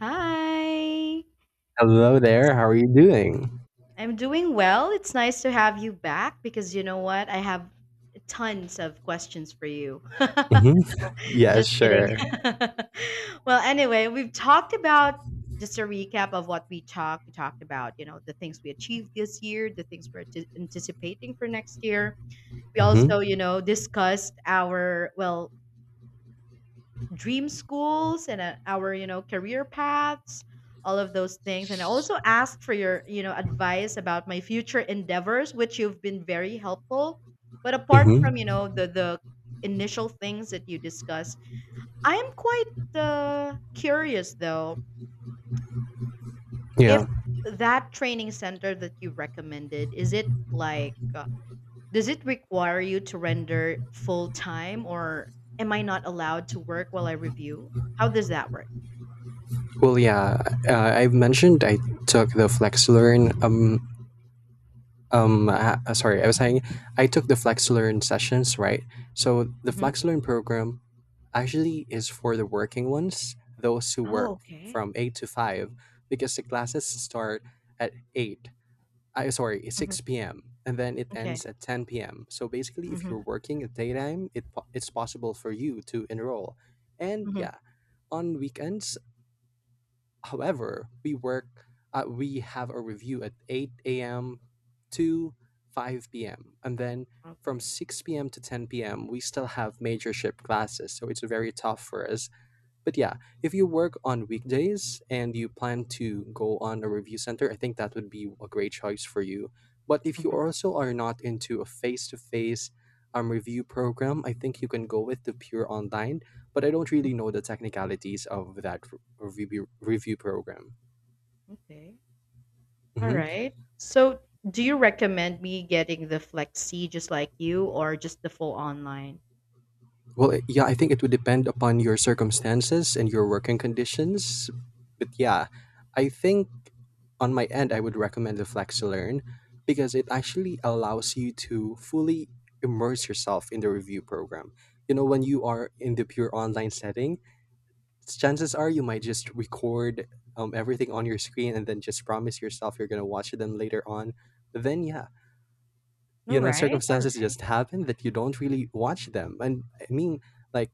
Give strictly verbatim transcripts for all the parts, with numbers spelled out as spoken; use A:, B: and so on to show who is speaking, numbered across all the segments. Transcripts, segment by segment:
A: Hi.
B: Hello there. How are you doing?
A: I'm doing well. It's nice to have you back because you know what? I have tons of questions for you.
B: hmm Yeah,
A: Just kidding.
B: sure.
A: Well, anyway, we've talked about just a recap of what we talked. We talked about, you know, the things we achieved this year, the things we're ati- anticipating for next year. We also,
B: hmm
A: you know, discussed our, well, dream schools and uh, our, you know, career paths, all of those things. And I also asked for your, you know advice about my future endeavors, which you've been very helpful. But apart from,
B: hmm
A: you know the the initial things that you discussed, I am quite uh, curious though, if
B: Yeah.
A: that training center that you recommended, is it like, uh, does it require you to render full time, or am I not allowed to work while I review? How does that work?
B: Well, yeah. Uh, I've mentioned I took the FlexLearn. Um. Um. uh, uh, sorry, I was saying I took the FlexLearn sessions, right? So the
A: Mm-hmm.
B: FlexLearn program actually is for the working ones, those who
A: Oh,
B: work
A: okay.
B: from eight to five, because the classes start at eight. I sorry,
A: Mhm,
B: six p m, and then it ends
A: okay.
B: at ten p m. So basically, if you're
A: Mhm,
B: working at daytime, it po- it's possible for you to enroll. And
A: mhm,
B: yeah, on weekends, however, we work. Uh, we have a review at eight a m to five p m, and then from
A: okay.
B: six p m to ten p m we still have majorship classes. So it's very tough for us, but yeah, if you work on weekdays and you plan to go on a review center, I think that would be a great choice for you. But if you
A: Mhm,
B: also are not into a face to face um review program, I think you can go with the pure online. But I don't really know the technicalities of that r- review review program.
A: okay.
B: hmm
A: Alright. So, do you recommend me getting the Flexi just like you or just the full online?
B: Well, it- yeah, I think it would depend upon your circumstances and your working conditions. But yeah, I think on my end, I would recommend the FlexiLearn because it actually allows you to fully immerse yourself in the review program. You know, when you are in the pure online setting, chances are you might just record um, everything on your screen and then just promise yourself you're going to watch them later on. Then, yeah, you know,
A: Alright,
B: circumstances
A: alright.
B: just happen that you don't really watch them. And I mean, like,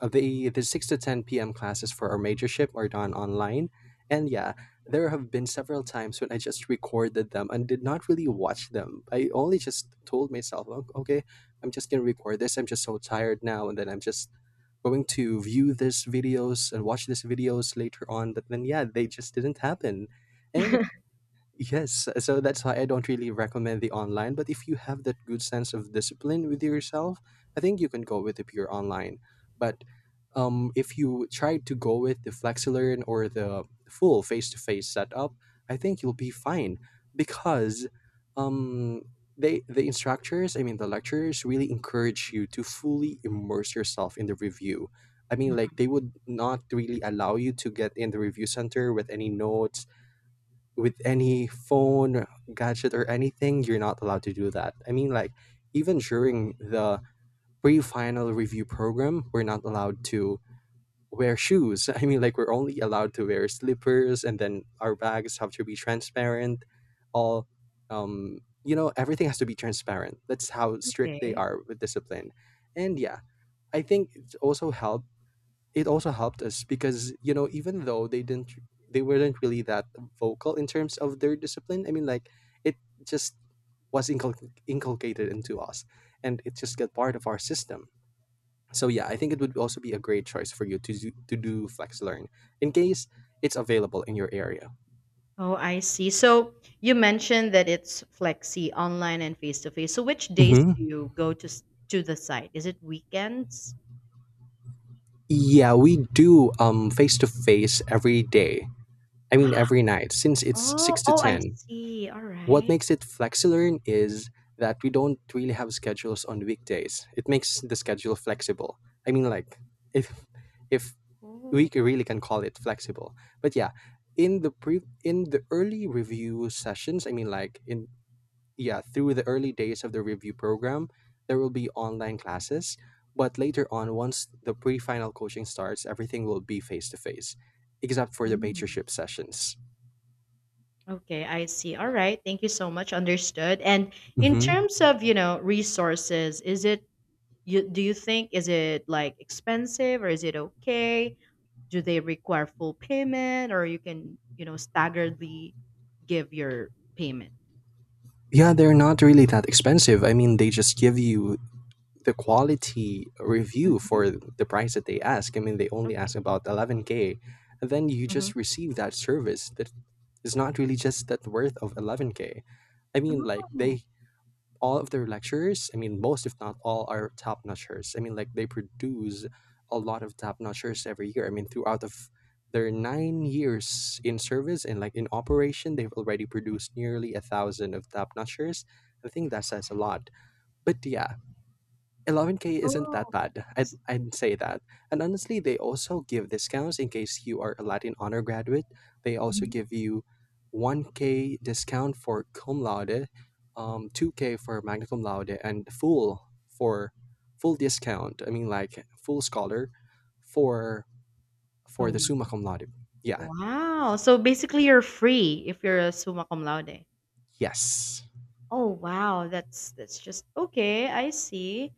B: uh, the the six to ten p m classes for our majorship are done online. And yeah, there have been several times when I just recorded them and did not really watch them. I only just told myself, "Oh, okay, I'm just going to record this. I'm just so tired now. And then I'm just going to view these videos and watch these videos later on." But then, yeah, they just didn't happen. And Yes, so that's why I don't really recommend the online. But if you have that good sense of discipline with yourself, I think you can go with the pure online. But um, if you try to go with the FlexiLearn or the full face to face setup, I think you'll be fine because, um, they the instructors, I mean the lecturers, really encourage you to fully immerse yourself in the review. I mean,
A: Mhm.
B: like, they would not really allow you to get in the review center with any notes, with any phone gadget, or anything. You're not allowed to do that. I mean, like, even during the pre-final review program, we're not allowed to wear shoes. I mean, like, we're only allowed to wear slippers, and then our bags have to be transparent. All um you know everything has to be transparent. That's how strict they
A: Okay.
B: are with discipline. And yeah, I think it also helped it also helped. Us because you know even though they didn't they weren't really that vocal in terms of their discipline. I mean, like, it just was incul- inculcated into us, and it just got part of our system. So yeah, I think it would also be a great choice for you to do, to do flex learn, in case it's available in your area.
A: Oh, I see. So, you mentioned that it's Flexi online and face to face. So, which days do
B: Hmm
A: you go to s to the site? Is it weekends?
B: Yeah, we do um face to face every day. I mean, every night, since it's
A: Oh,
B: six to
A: oh, I
B: ten.
A: see.
B: What
A: Alright.
B: makes it FlexiLearn is that we don't really have schedules on weekdays. It makes the schedule flexible. I mean, like, if if we
A: Oh.
B: c- really can call it flexible. But yeah, in the pre, in the early review sessions, I mean, like, in yeah, through the early days of the review program, there will be online classes. But later on, once the pre-final coaching starts, everything will be face to face, except for the
A: Mm.
B: mentorship sessions.
A: Okay, I see. All right. Thank you so much. Understood. And in terms of, you know, resources, is it, you do you think, is it like expensive or is it okay? Do they require full payment, or you can, you know, staggeredly give your payment?
B: Yeah, they're not really that expensive. I mean, they just give you the quality review
A: Hmm.
B: for the price that they ask. I mean, they only ask
A: Okay.
B: about eleven k. And then you
A: Hmm.
B: just receive that service that is not really just that worth of eleven k. I mean, like,
A: Oh,
B: they all of their lecturers, I mean, most if not all, are top notchers. I mean, like, they produce a lot of top notchers every year. I mean, throughout of their nine years in service and like in operation, they've already produced nearly a thousand of top notchers. I think that says a lot. But yeah, eleven k isn't that
A: oh.
B: bad. I'd,
A: S-
B: I'd say that. And honestly, they also give discounts in case you are a Latin honor graduate. They also
A: mhm.
B: give you one k discount for cum laude, um, two k for magna cum laude, and full for full discount. I mean, like, full scholar for for the
A: Summa.
B: summa cum laude. Yeah.
A: Wow. So basically you're free if you're a summa cum laude.
B: Yes.
A: Oh wow, that's that's just, okay, I see.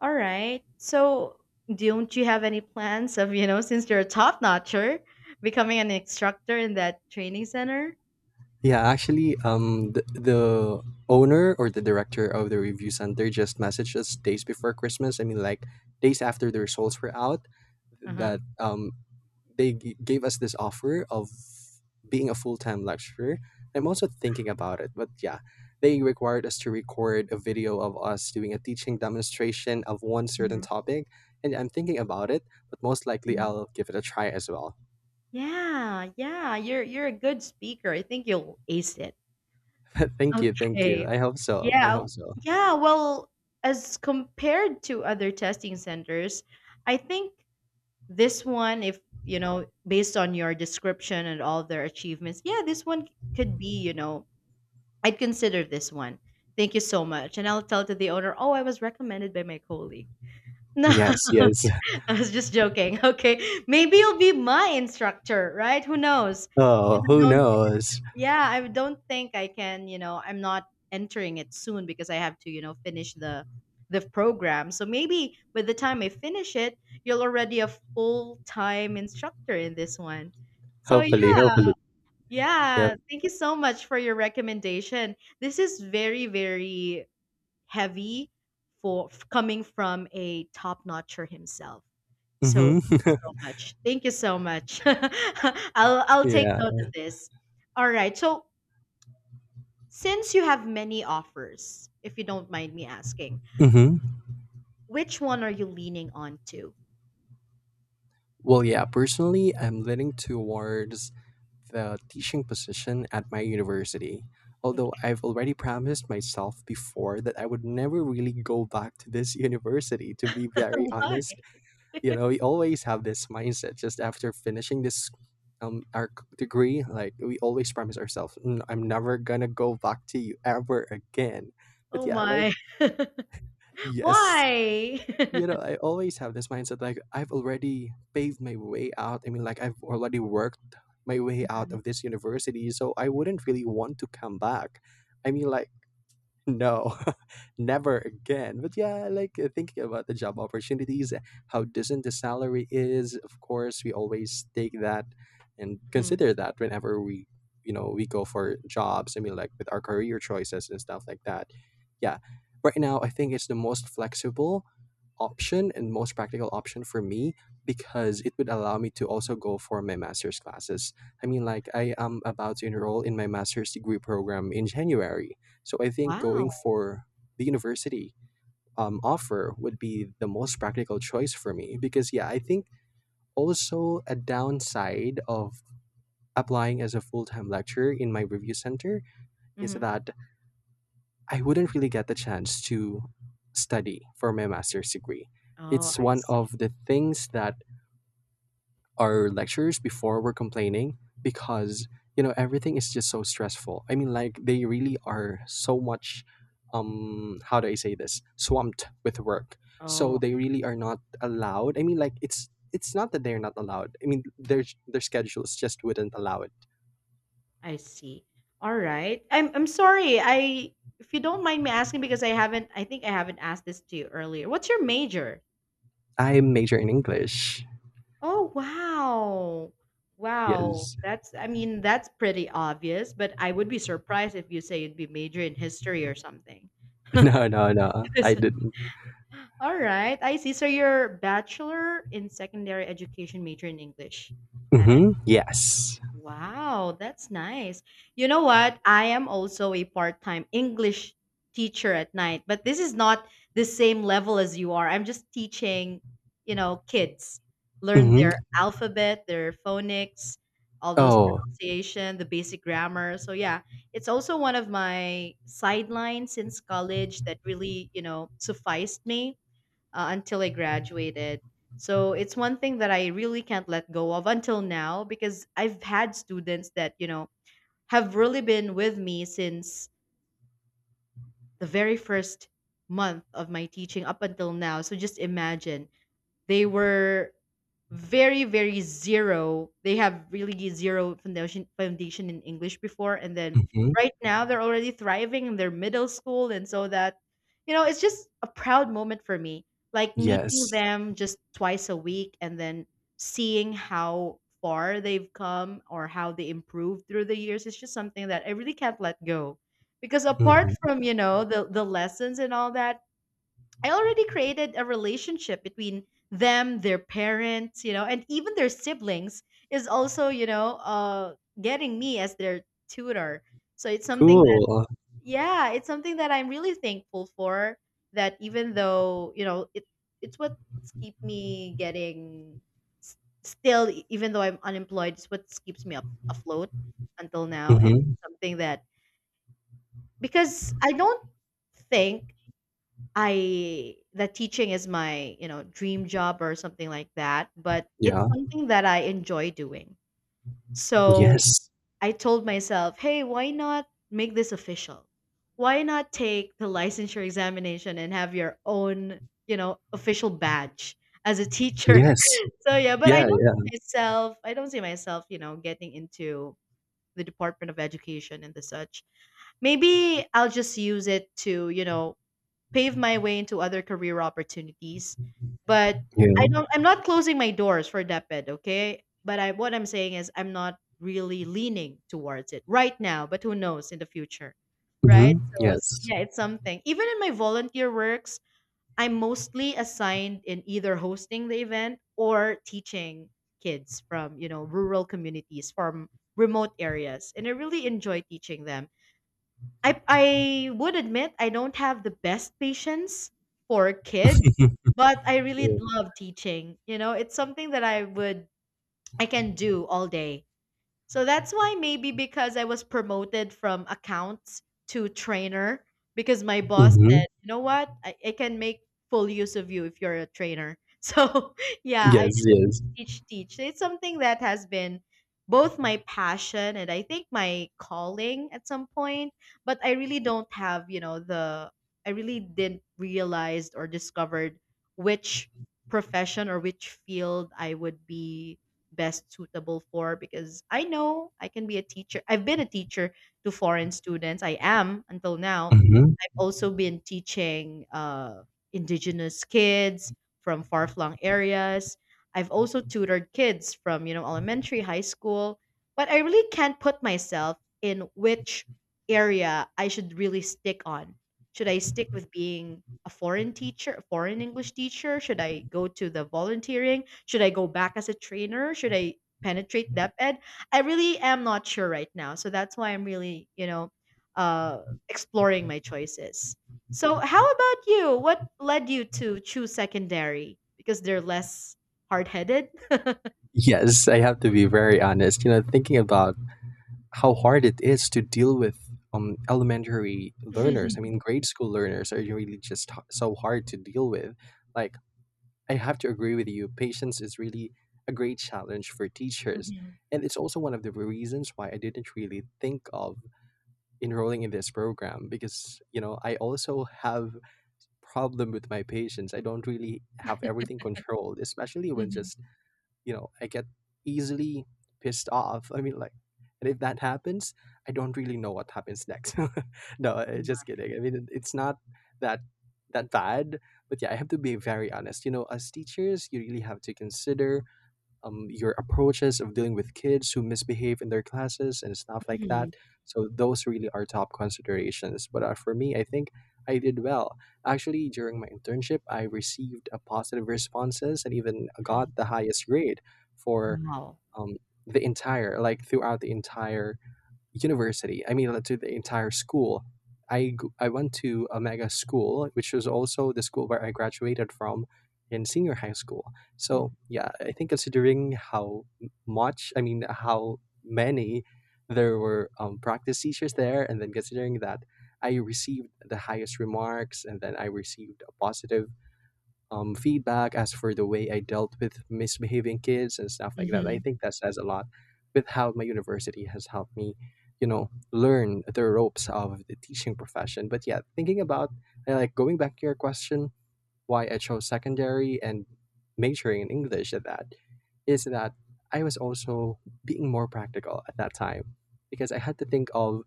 A: All right. So don't you have any plans of, you know, since you're a top notcher, becoming an instructor in that training center?
B: Yeah, actually, um, the, the owner or the director of the review center just messaged us days before Christmas. I mean, like, days after the results were out,
A: Uh-huh.
B: that, um, they g- gave us this offer of being a full time lecturer. I'm also thinking about it, but yeah, they required us to record a video of us doing a teaching demonstration of one certain
A: Hmm.
B: topic, and I'm thinking about it, but most likely
A: Hmm.
B: I'll give it a try as well.
A: Yeah, yeah. You're you're a good speaker. I think you'll ace it.
B: Thank you, thank you.
A: Okay.
B: I hope so. I
A: Yeah.
B: hope so.
A: Yeah, well, as compared to other testing centers, I think this one, if you know, based on your description and all their achievements, yeah, this one could be, you know, I'd consider this one. Thank you so much. And I'll tell to the owner, oh, I was recommended by my colleague. No.
B: Yes, yes.
A: I was just joking. Okay, maybe you'll be my instructor, right? Who knows?
B: Oh,
A: Because I
B: who
A: don't
B: knows?
A: Yeah, I don't think I can, you know, I'm not entering it soon, because I have to, you know, finish the the program. So maybe by the time I finish it, you're already a full-time instructor in this one. So
B: Hopefully,
A: yeah.
B: hopefully. Yep.
A: Yeah, thank you so much for your recommendation. This is very, very heavy for f- coming from a top-notcher himself. So thank you
B: Mm-hmm.
A: so much. Thank you so much. I'll I'll take
B: Yeah.
A: note of this. All right. So since you have many offers, if you don't mind me asking,
B: Mm-hmm.
A: which one are you leaning on to?
B: Well, yeah, personally, I'm leaning towards the teaching position at my university. Although I've already promised myself before that I would never really go back to this university, to be very
A: Why?
B: honest. You know, we always have this mindset just after finishing this um our c- degree. Like, we always promise ourselves, "Mm, I'm never gonna go back to you ever again." But
A: Oh
B: yeah, like,
A: my.
B: yes,
A: Why?
B: you know I always have this mindset, like, I've already paved my way out. I mean, like, I've already worked my way out
A: Mhm,
B: of this university, so I wouldn't really want to come back. I mean, like, no, never again. But yeah, like, uh, thinking about the job opportunities, uh, how decent the salary is. Of course, we always take that and
A: mhm.
B: consider that whenever we, you know, we go for jobs. I mean, like, with our career choices and stuff like that. Yeah, right now I think it's the most flexible option and most practical option for me, because it would allow me to also go for my master's classes. I mean, like, I am about to enroll in my master's degree program in January, so I think going
A: Wow.
B: for the university um, offer would be the most practical choice for me, because, yeah, I think also a downside of applying as a full time lecturer in my review center is
A: Hmm.
B: that I wouldn't really get the chance to study for my master's degree.
A: Oh,
B: It's
A: I
B: one
A: see.
B: of the things that our lectures before we're complaining, because you know everything is just so stressful. I mean, like, they really are so much, um how do I say this, swamped with work. So
A: Oh,
B: they really are not allowed. I mean, like, it's it's not that they're not allowed. I mean, their their schedules just wouldn't allow it.
A: I see. All right. I'm I'm sorry. I If you don't mind me asking, because I haven't I think I haven't asked this to you earlier, what's your major?
B: I major in English.
A: Oh, wow. Wow.
B: Yes.
A: That's, I mean, that's pretty obvious, but I would be surprised if you say you'd be major in history or something.
B: No, no, no, I
A: So-
B: didn't.
A: All right. I see. So you're bachelor in secondary education, major in English. That,
B: Mm-hmm. Yes.
A: wow, that's nice. You know what? I am also a part-time English teacher at night, but this is not the same level as you are. I'm just teaching, you know, kids learn their
B: Mm-hmm.
A: alphabet, their phonics, all those
B: Oh.
A: pronunciation, the basic grammar. So yeah, it's also one of my sidelines since college that really, you know, sufficed me uh, until I graduated. So it's one thing that I really can't let go of until now, because I've had students that, you know, have really been with me since the very first month of my teaching up until now. So just imagine, they were very, very zero. They have really zero foundation foundation in English before, and then
B: Mm-hmm.
A: right now they're already thriving in their middle school. And so that, you know, it's just a proud moment for me. Like meeting
B: Yes.
A: them just twice a week, and then seeing how far they've come or how they improved through the years is just something that I really can't let go. Because apart
B: Mm-hmm.
A: from, you know, the the lessons and all that, I already created a relationship between them, their parents, you know, and even their siblings is also, you know, uh, getting me as their tutor. So it's something that,
B: Cool.
A: yeah, it's something that I'm really thankful for. That even though, you know, it it's what's keep me getting s- still, e- even though I'm unemployed, it's what keeps me up afloat until now. And
B: Mm-hmm.
A: it's something that, because I don't think I that teaching is my, you know, dream job or something like that, but
B: Yeah.
A: it's something that I enjoy doing. So
B: Yes.
A: I told myself, hey, why not make this official? Why not take the licensure examination and have your own, you know, official badge as a teacher?
B: Yes.
A: So yeah, but I
B: Yeah,
A: don't see
B: yeah,
A: myself, I don't see myself, you know, getting into the Department of Education and the such. Maybe I'll just use it to, you know, pave my way into other career opportunities. But I
B: yeah.
A: don't I'm not closing my doors for DepEd, okay? But I what I'm saying is I'm not really leaning towards it right now, but who knows in the future. Right?
B: Mhm.
A: So, so
B: Yes.
A: yeah, it's something. Even in my volunteer works, I'm mostly assigned in either hosting the event or teaching kids from, you know, rural communities, from remote areas. And I really enjoy teaching them. I I would admit I don't have the best patience for kids, but I really
B: Yeah.
A: love teaching. You know, it's something that I would I can do all day. So that's why, maybe because I was promoted from accounts to trainer, because my boss
B: Mhm.
A: said, you know what, I, I can make full use of you if you're a trainer. So yeah, I
B: Yes,
A: just teach,
B: yes.
A: teach, teach. It's something that has been both my passion and I think my calling at some point, but I really don't have, you know, the, I really didn't realize or discovered which profession or which field I would be best suitable for, because I know I can be a teacher. I've been a teacher to foreign students. I am until now.
B: Mhm.
A: I've also been teaching uh, indigenous kids from far flung areas. I've also tutored kids from, you know, elementary, high school, but I really can't put myself in which area I should really stick on. Should I stick with being a foreign teacher, a foreign English teacher? Should I go to the volunteering? Should I go back as a trainer? Should I penetrate depth ed? I really am not sure right now. So that's why I'm really, you know, uh, exploring my choices. So how about you? What led you to choose secondary? Because they're less hard-headed.
B: Yes, I have to be very honest. You know, thinking about how hard it is to deal with um elementary learners. I
A: Mhm,
B: mean, grade school learners are really just h- so hard to deal with. Like, I have to agree with you. Patience is really a great challenge for teachers.
A: mhm,
B: And it's also one of the reasons why I didn't really think of enrolling in this program, because you know I also have problem with my patients. I don't really have everything controlled, especially when
A: mhm,
B: just, you know I get easily pissed off. I mean, like, and if that happens, I don't really know what happens next. No, I-
A: mhm, mhm.
B: just kidding. I mean, it- it's not that that bad. But yeah, I have to be very honest. You know as teachers, you really have to consider, um, your approaches of dealing with kids who misbehave in their classes and stuff like that. So those really are top considerations. But uh, for me, I think I did well. Actually, during my internship, I received a positive responses and even got the highest grade for,
A: Wow.
B: um, the entire, like, throughout the entire university. I mean, to the entire school. I, g- I went to a mega school, which was also the school where I graduated from in senior high school.
A: Mhm,
B: So, yeah, I think considering how m- much, I mean, how many there were um, practice teachers there, and then considering that I received the highest remarks and then I received a positive um, feedback as for the way I dealt with misbehaving kids and stuff like that. I
A: mhm,
B: think that says a lot with how my university has helped me, you know, learn the ropes of the teaching profession. But yeah, thinking about uh, like going back to your question, why I chose secondary and majoring in English at that is that I was also being more practical at that time because I had to think of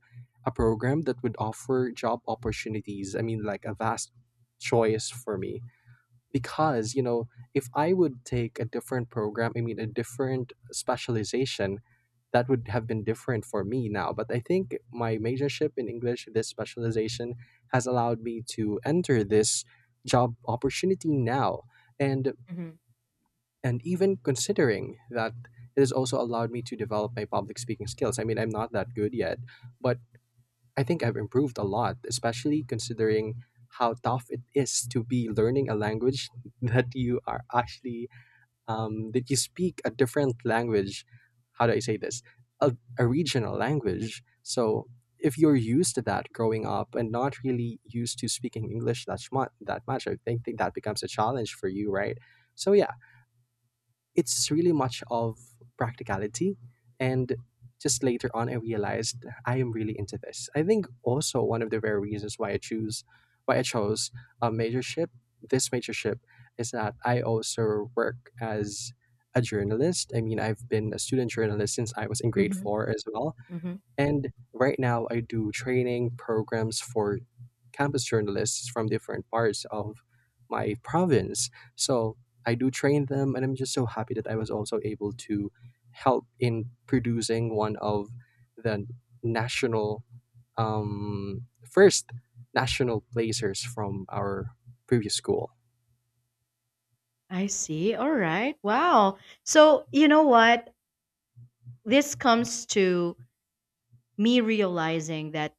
B: a program that would offer job opportunities. I mean, like a vast choice for me because you know if I would take a different program i mean a different specialization, that would have been different for me now. But I think my majorship in English, this specialization, has allowed me to enter this job opportunity now. and
A: mhm,
B: and even considering that, it has also allowed me to develop my public speaking skills. I mean, I'm not that good yet, but I think I've improved a lot, especially considering how tough it is to be learning a language that you are actually um, that you speak a different language. How do I say this? A, a regional language. So if you're used to that growing up and not really used to speaking English that much, that much, I think, think that becomes a challenge for you, right? So yeah, it's really much of practicality. And just later on, I realized I am really into this. I think also one of the very reasons why I choose why i chose a majorship this majorship is that I also work as a journalist. I mean, I've been a student journalist since I was in grade
A: mhm,
B: four as well.
A: mhm.
B: And right now, I do training programs for campus journalists from different parts of my province. So I do train them, and I'm just so happy that I was also able to help in producing one of the national um, first national placers from our previous school.
A: I see. All right. Wow. So, you know what? This comes to me realizing that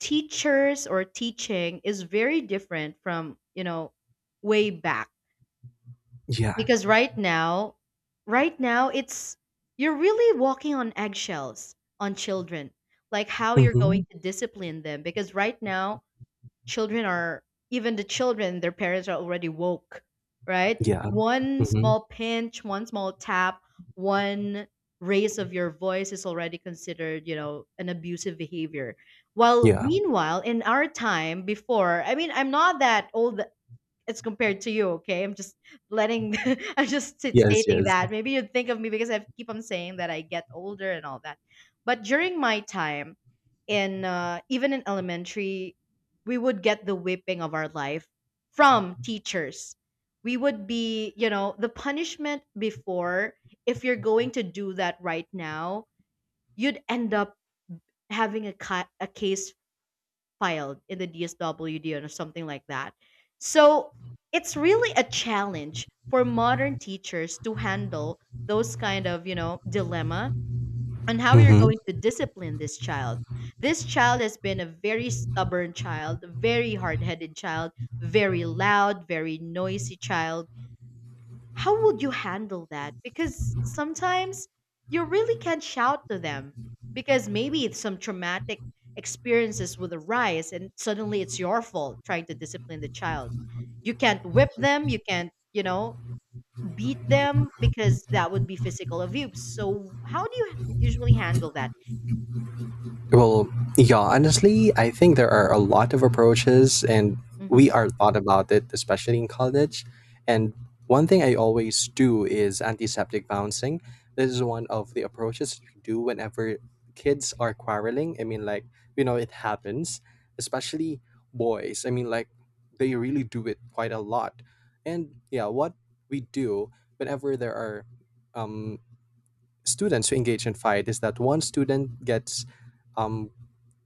A: teachers or teaching is very different from, you know, way back.
B: Yeah.
A: Because right now, right now, it's, you're really walking on eggshells on children, like how you're
B: Mm-hmm.
A: going to discipline them. Because right now, children are, even the children, their parents are already woke. Right,
B: Yeah.
A: one
B: Mm-hmm.
A: small pinch, one small tap, one raise of your voice is already considered, you know, an abusive behavior. While
B: Yeah.
A: meanwhile in our time before, I mean, I'm not that old as compared to you. Okay, I'm just letting, I'm just st-
B: Yes.
A: stating
B: Yes.
A: that. Maybe you'd think of me because I keep on saying that I get older and all that. But during my time, in uh, even in elementary, we would get the whipping of our life from teachers. We would be, you know, the punishment before. If you're going to do that right now, you'd end up having a, ca- a case filed in the D S W D or something like that. So it's really a challenge for modern teachers to handle those kind of, you know, dilemma on how you're
B: Mm-hmm.
A: going to discipline this child. This child has been a very stubborn child, very hard-headed child, very loud, very noisy child. How would you handle that? Because sometimes you really can't shout to them, because maybe it's some traumatic experiences will arise, and suddenly it's your fault trying to discipline the child. You can't whip them, you can't, you know, beat them, because that would be physical abuse. So how do you usually handle that?
B: Well, yeah, honestly, I think there are a lot of approaches, and we
A: Mm-hmm.
B: are taught about it, especially in college. And one thing I always do is antiseptic bouncing. This is one of the approaches you do whenever kids are quarreling. I mean, like, you know, it happens, especially boys. I mean, like, they really do it quite a lot. And yeah, what we do whenever there are um, students who engage in fight is that one student gets um,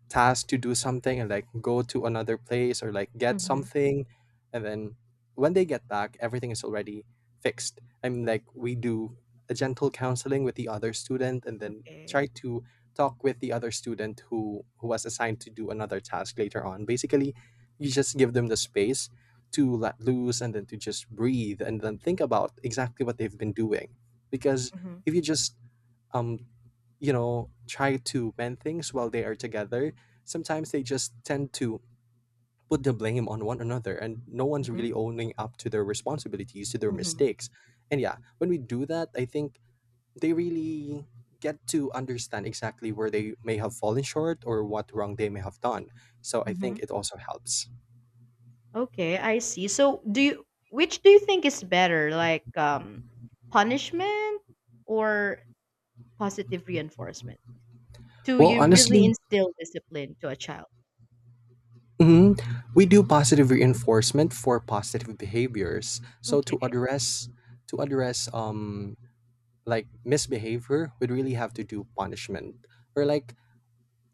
B: tasked to do something and like go to another place or like get
A: Mm-hmm.
B: something, and then when they get back, everything is already fixed. I mean, like, we do a gentle counseling with the other student, and then try
A: Okay.
B: to talk with the other student who who was assigned to do another task later on. Basically, you just give them the space to let loose and then to just breathe and then think about exactly what they've been doing. Because
A: Mm-hmm.
B: if you just um you know, try to mend things while they are together, sometimes they just tend to put the blame on one another and no one's
A: Mm-hmm.
B: really owning up to their responsibilities, to their mistakes. And yeah, when we do that, I think they really get to understand exactly where they may have fallen short or what wrong they may have done. So I
A: Mm-hmm.
B: think it also helps.
A: Okay, I see. So, do you which do you think is better, like um punishment or positive reinforcement? Do
B: Well,
A: you really
B: honestly,
A: instill discipline to a child?
B: mhm, we do positive reinforcement for positive behaviors. So to
A: Okay.
B: address to address um like misbehavior would really have to do punishment, or like,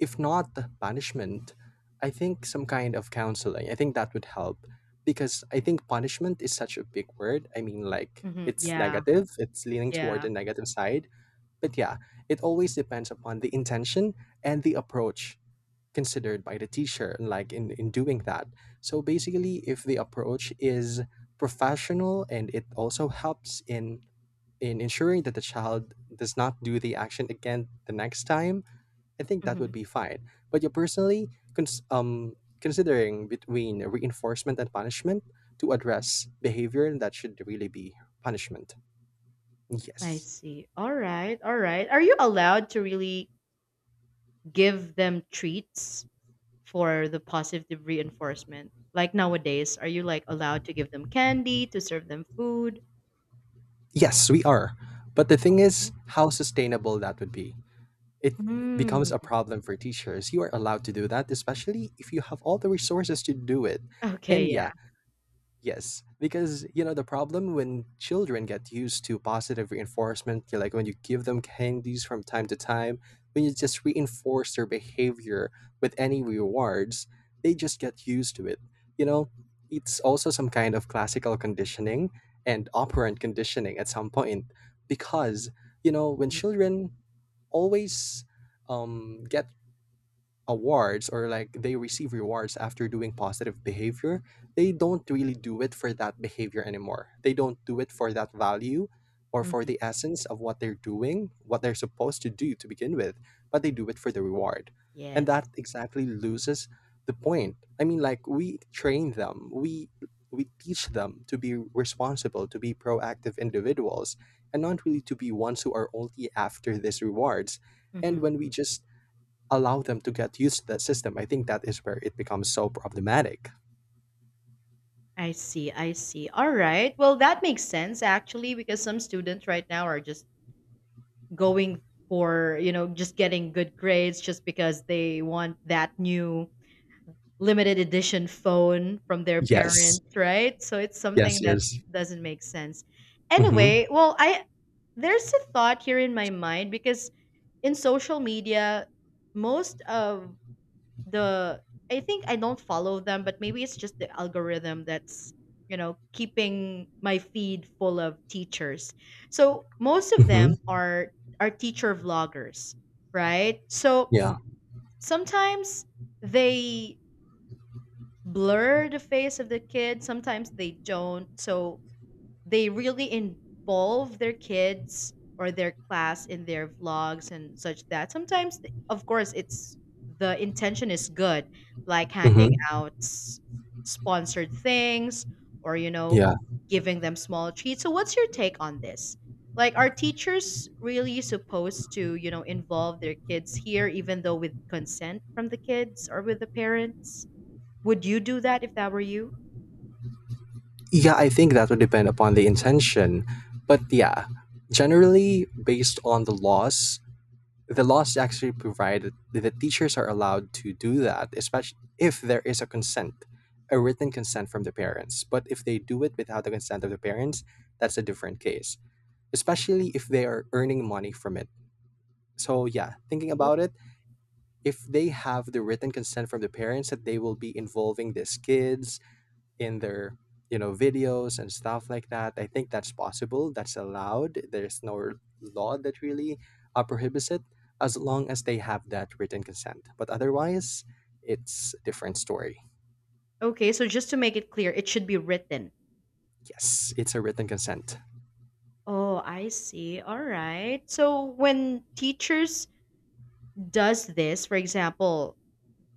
B: if not punishment, I think some kind of counseling, I think that would help. Because I think punishment is such a big word. I mean, like,
A: hmm
B: it's
A: Yeah.
B: negative, it's leaning toward
A: Yeah.
B: the negative side. But yeah, it always depends upon the intention and the approach considered by the teacher, like in, in doing that. So basically, if the approach is professional and it also helps in in ensuring that the child does not do the action again the next time, I think that would
A: hmm
B: be fine. But you personally, cons- um, considering between reinforcement and punishment to address behavior, that should really be punishment.
A: I
B: Yes.
A: see. All right. All right. Are you allowed to really give them treats for the positive reinforcement? Like nowadays, are you like allowed to give them candy, to serve them food?
B: Yes, we are. But the thing is
A: Okay.
B: how sustainable that would be. It becomes a
A: Mm.
B: problem for teachers. You are allowed to do that, especially if you have all the resources to do it.
A: Okay,
B: And
A: yeah.
B: yeah, yes, because you know, the problem when children get used to positive reinforcement, you know, like when you give them candies from time to time, when you just reinforce their behavior with any rewards, they just get used to it. You know, it's also some kind of classical conditioning and operant conditioning at some point. Because you know, when children always um, get awards or like they receive rewards after doing positive behavior, they don't really do it for that behavior anymore. They don't do it for that value or for
A: hmm
B: the essence of what they're doing, what they're supposed to do to begin with, but they do it for the reward. And
A: Yes.
B: that exactly loses the point. I mean, like, we train them, we we teach them to be responsible, to be proactive individuals, and not really to be ones who are only after these rewards. And
A: Mm-hmm.
B: when we just allow them to get used to that system, I think that is where it becomes so problematic.
A: I see. I see. All right. Well, that makes sense actually, because some students right now are just going for, you know, just getting good grades just because they want that new limited edition phone from their
B: Yes.
A: parents, right? So it's
B: Yes,
A: something that
B: yes.
A: doesn't make sense.
B: Mm-hmm.
A: Anyway, well, I there's a thought here in my mind because in social media, most of the I think I don't follow them, but maybe it's just the algorithm that's you know keeping my feed full of teachers. So most of them
B: Mm-hmm.
A: are are teacher vloggers, right? So
B: Yeah.
A: sometimes they blur the face of the kid, sometimes they don't. So they really involve their kids or their class in their vlogs and such that sometimes th- of course it's the intention is good, like handing
B: Mm-hmm.
A: out s- sponsored things or you know
B: Yeah.
A: giving them small treats. So what's your take on this, like are teachers really supposed to, you know involve their kids here even though with consent from the kids or with the parents? Would you do that if that were you?
B: Yeah, I think that would depend upon the intention. But yeah, generally based on the laws, the laws actually provide that the teachers are allowed to do that, especially if there is a consent, a written consent from the parents. But if they do it without the consent of the parents, that's a different case, especially if they are earning money from it. So yeah, thinking about it, if they have the written consent from the parents that they will be involving these kids in their, you know, videos and stuff like that, I think that's possible. That's allowed. There's no law that really uh, prohibits it, as long as they have that written consent. But otherwise, it's a different story.
A: Okay, so just to make it clear, it should be written?
B: Yes, it's a written consent.
A: Oh, I see. All right. So when teachers does this, for example,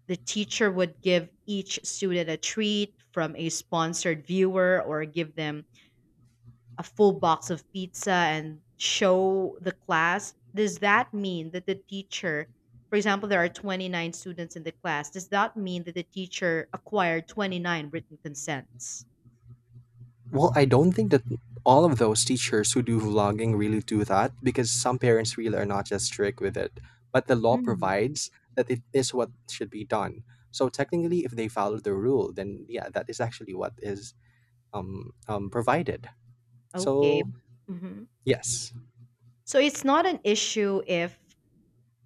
A: the teacher would give each student a treat from a sponsored viewer or give them a full box of pizza and show the class. Does that mean that the teacher, for example, there are twenty-nine students in the class. Does that mean that the teacher acquired twenty-nine written consents?
B: Well, I don't think that all of those teachers who do vlogging really do that, because some parents really are not just strict with it. But the law
A: Mm,
B: provides that it is what should be done. So technically, if they follow the rule, then yeah, that is actually what is um, um, provided.
A: okay.
B: So
A: hmm
B: yes.
A: So it's not an issue if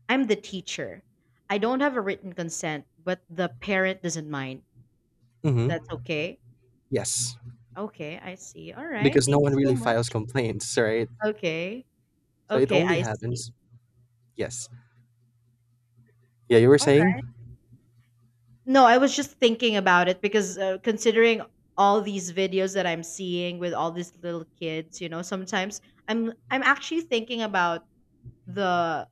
A: I'm the teacher. I don't have a written consent, but the parent doesn't mind.
B: Mhm.
A: That's okay?
B: Yes,
A: Okay, I see. All right.
B: because no
A: Thank
B: one
A: you so
B: really files
A: much.
B: complaints, right?
A: Okay.
B: So it
A: Okay,
B: only
A: I see.
B: happens. Yes. Yeah, you were
A: All
B: saying?
A: right. No, I was just thinking about it because uh, considering all these videos that I'm seeing with all these little kids, you know, sometimes I'm I'm actually thinking about the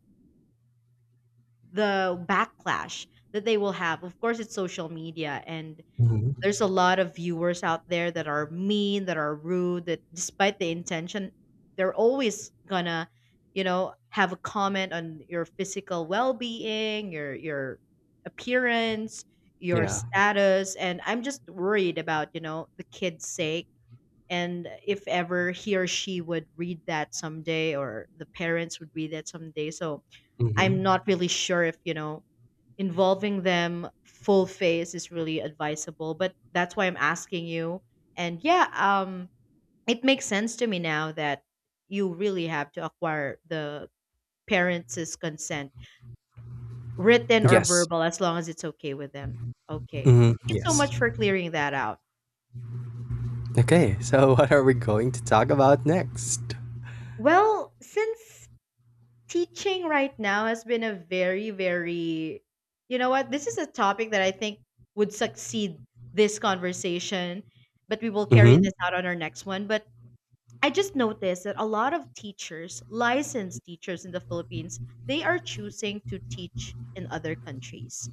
A: the backlash that they will have. Of course, it's social media, and
B: Hmm.
A: there's a lot of viewers out there that are mean, that are rude, that despite the intention, they're always gonna, you know, have a comment on your physical well-being, your your appearance, your
B: Yeah.
A: status, and I'm just worried about, you know, the kid's sake and if ever he or she would read that someday or the parents would read that someday. So,
B: Hmm.
A: I'm not really sure if, you know, involving them full face is really advisable, but that's why I'm asking you. And yeah, um it makes sense to me now that you really have to acquire the parents' consent, written or
B: Yes.
A: verbal, as long as it's okay with them. Okay,
B: Hmm.
A: thank you so
B: Yes.
A: much for clearing that out.
B: Okay, so what are we going to talk about next?
A: Well, since teaching right now has been a very very, you know what, this is a topic that I think would succeed this conversation, but we will carry this
B: Hmm.
A: out on our next one. But I just noticed that a lot of teachers, licensed teachers in the Philippines, they are choosing to teach in other countries,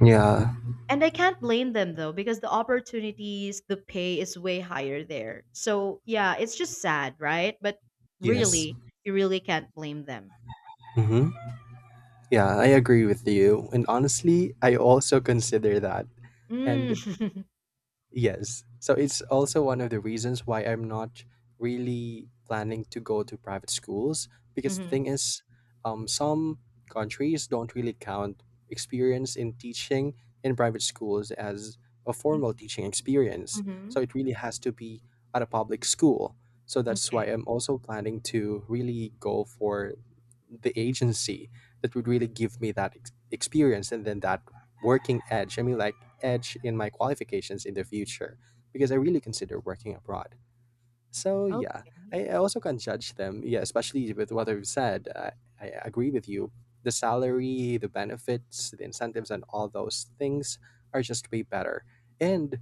B: Yeah.
A: and I can't blame them though because the opportunities, the pay is way higher there. So yeah, it's just sad, right? But
B: Yes.
A: really, you really can't blame them.
B: Hmm. Yeah, I agree with you. And honestly, I also consider that.
A: Mm.
B: And yes, so it's also one of the reasons why I'm not really planning to go to private schools, because the
A: Mhm.
B: thing is, um, some countries don't really count experience in teaching in private schools as a
A: Mm,
B: formal teaching experience.
A: mhm,
B: So it really has to be at a public school. So that's why
A: okay.
B: I'm also planning to really go for the agency that would really give me that ex- experience, and then that working edge. I mean, like, edge in my qualifications in the future, because I really consider working abroad. So
A: Oh,
B: yeah, I, I also can't judge them. Yeah, especially with what I've said, I, I agree with you. The salary, the benefits, the incentives, and all those things are just way better. And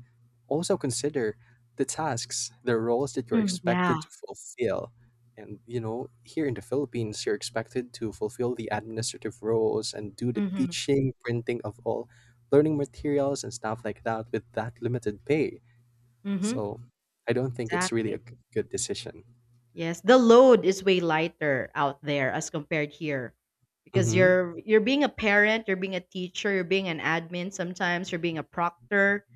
B: also consider the tasks, the roles that you're
A: mm, yeah.
B: expected to fulfill. And you know, here in the Philippines, you're expected to fulfill the administrative roles and do the
A: Mhm,
B: teaching, printing of all learning materials and stuff like that with that limited pay.
A: mhm.
B: So I don't think it's really a
A: Exactly.
B: g- good decision.
A: Yes, the load is way lighter out there as compared here because
B: Hmm.
A: you're you're being a parent, you're being a teacher, you're being an admin sometimes, you're being a proctor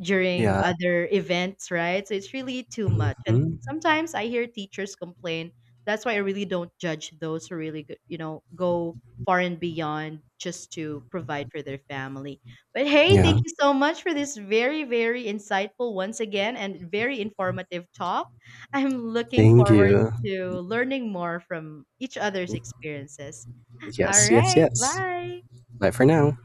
A: during
B: Yeah.
A: other events, right? So it's really too much. And
B: Hmm.
A: sometimes I hear teachers complain. That's why I really don't judge those who really, go- you know, go far and beyond just to provide for their family. But hey,
B: Yeah.
A: thank you so much for this very, very insightful once again and very informative talk. I'm looking
B: Thank
A: forward
B: you.
A: to learning more from each other's experiences. All
B: Yes, yes,
A: right,
B: yes.
A: bye.
B: Bye for now.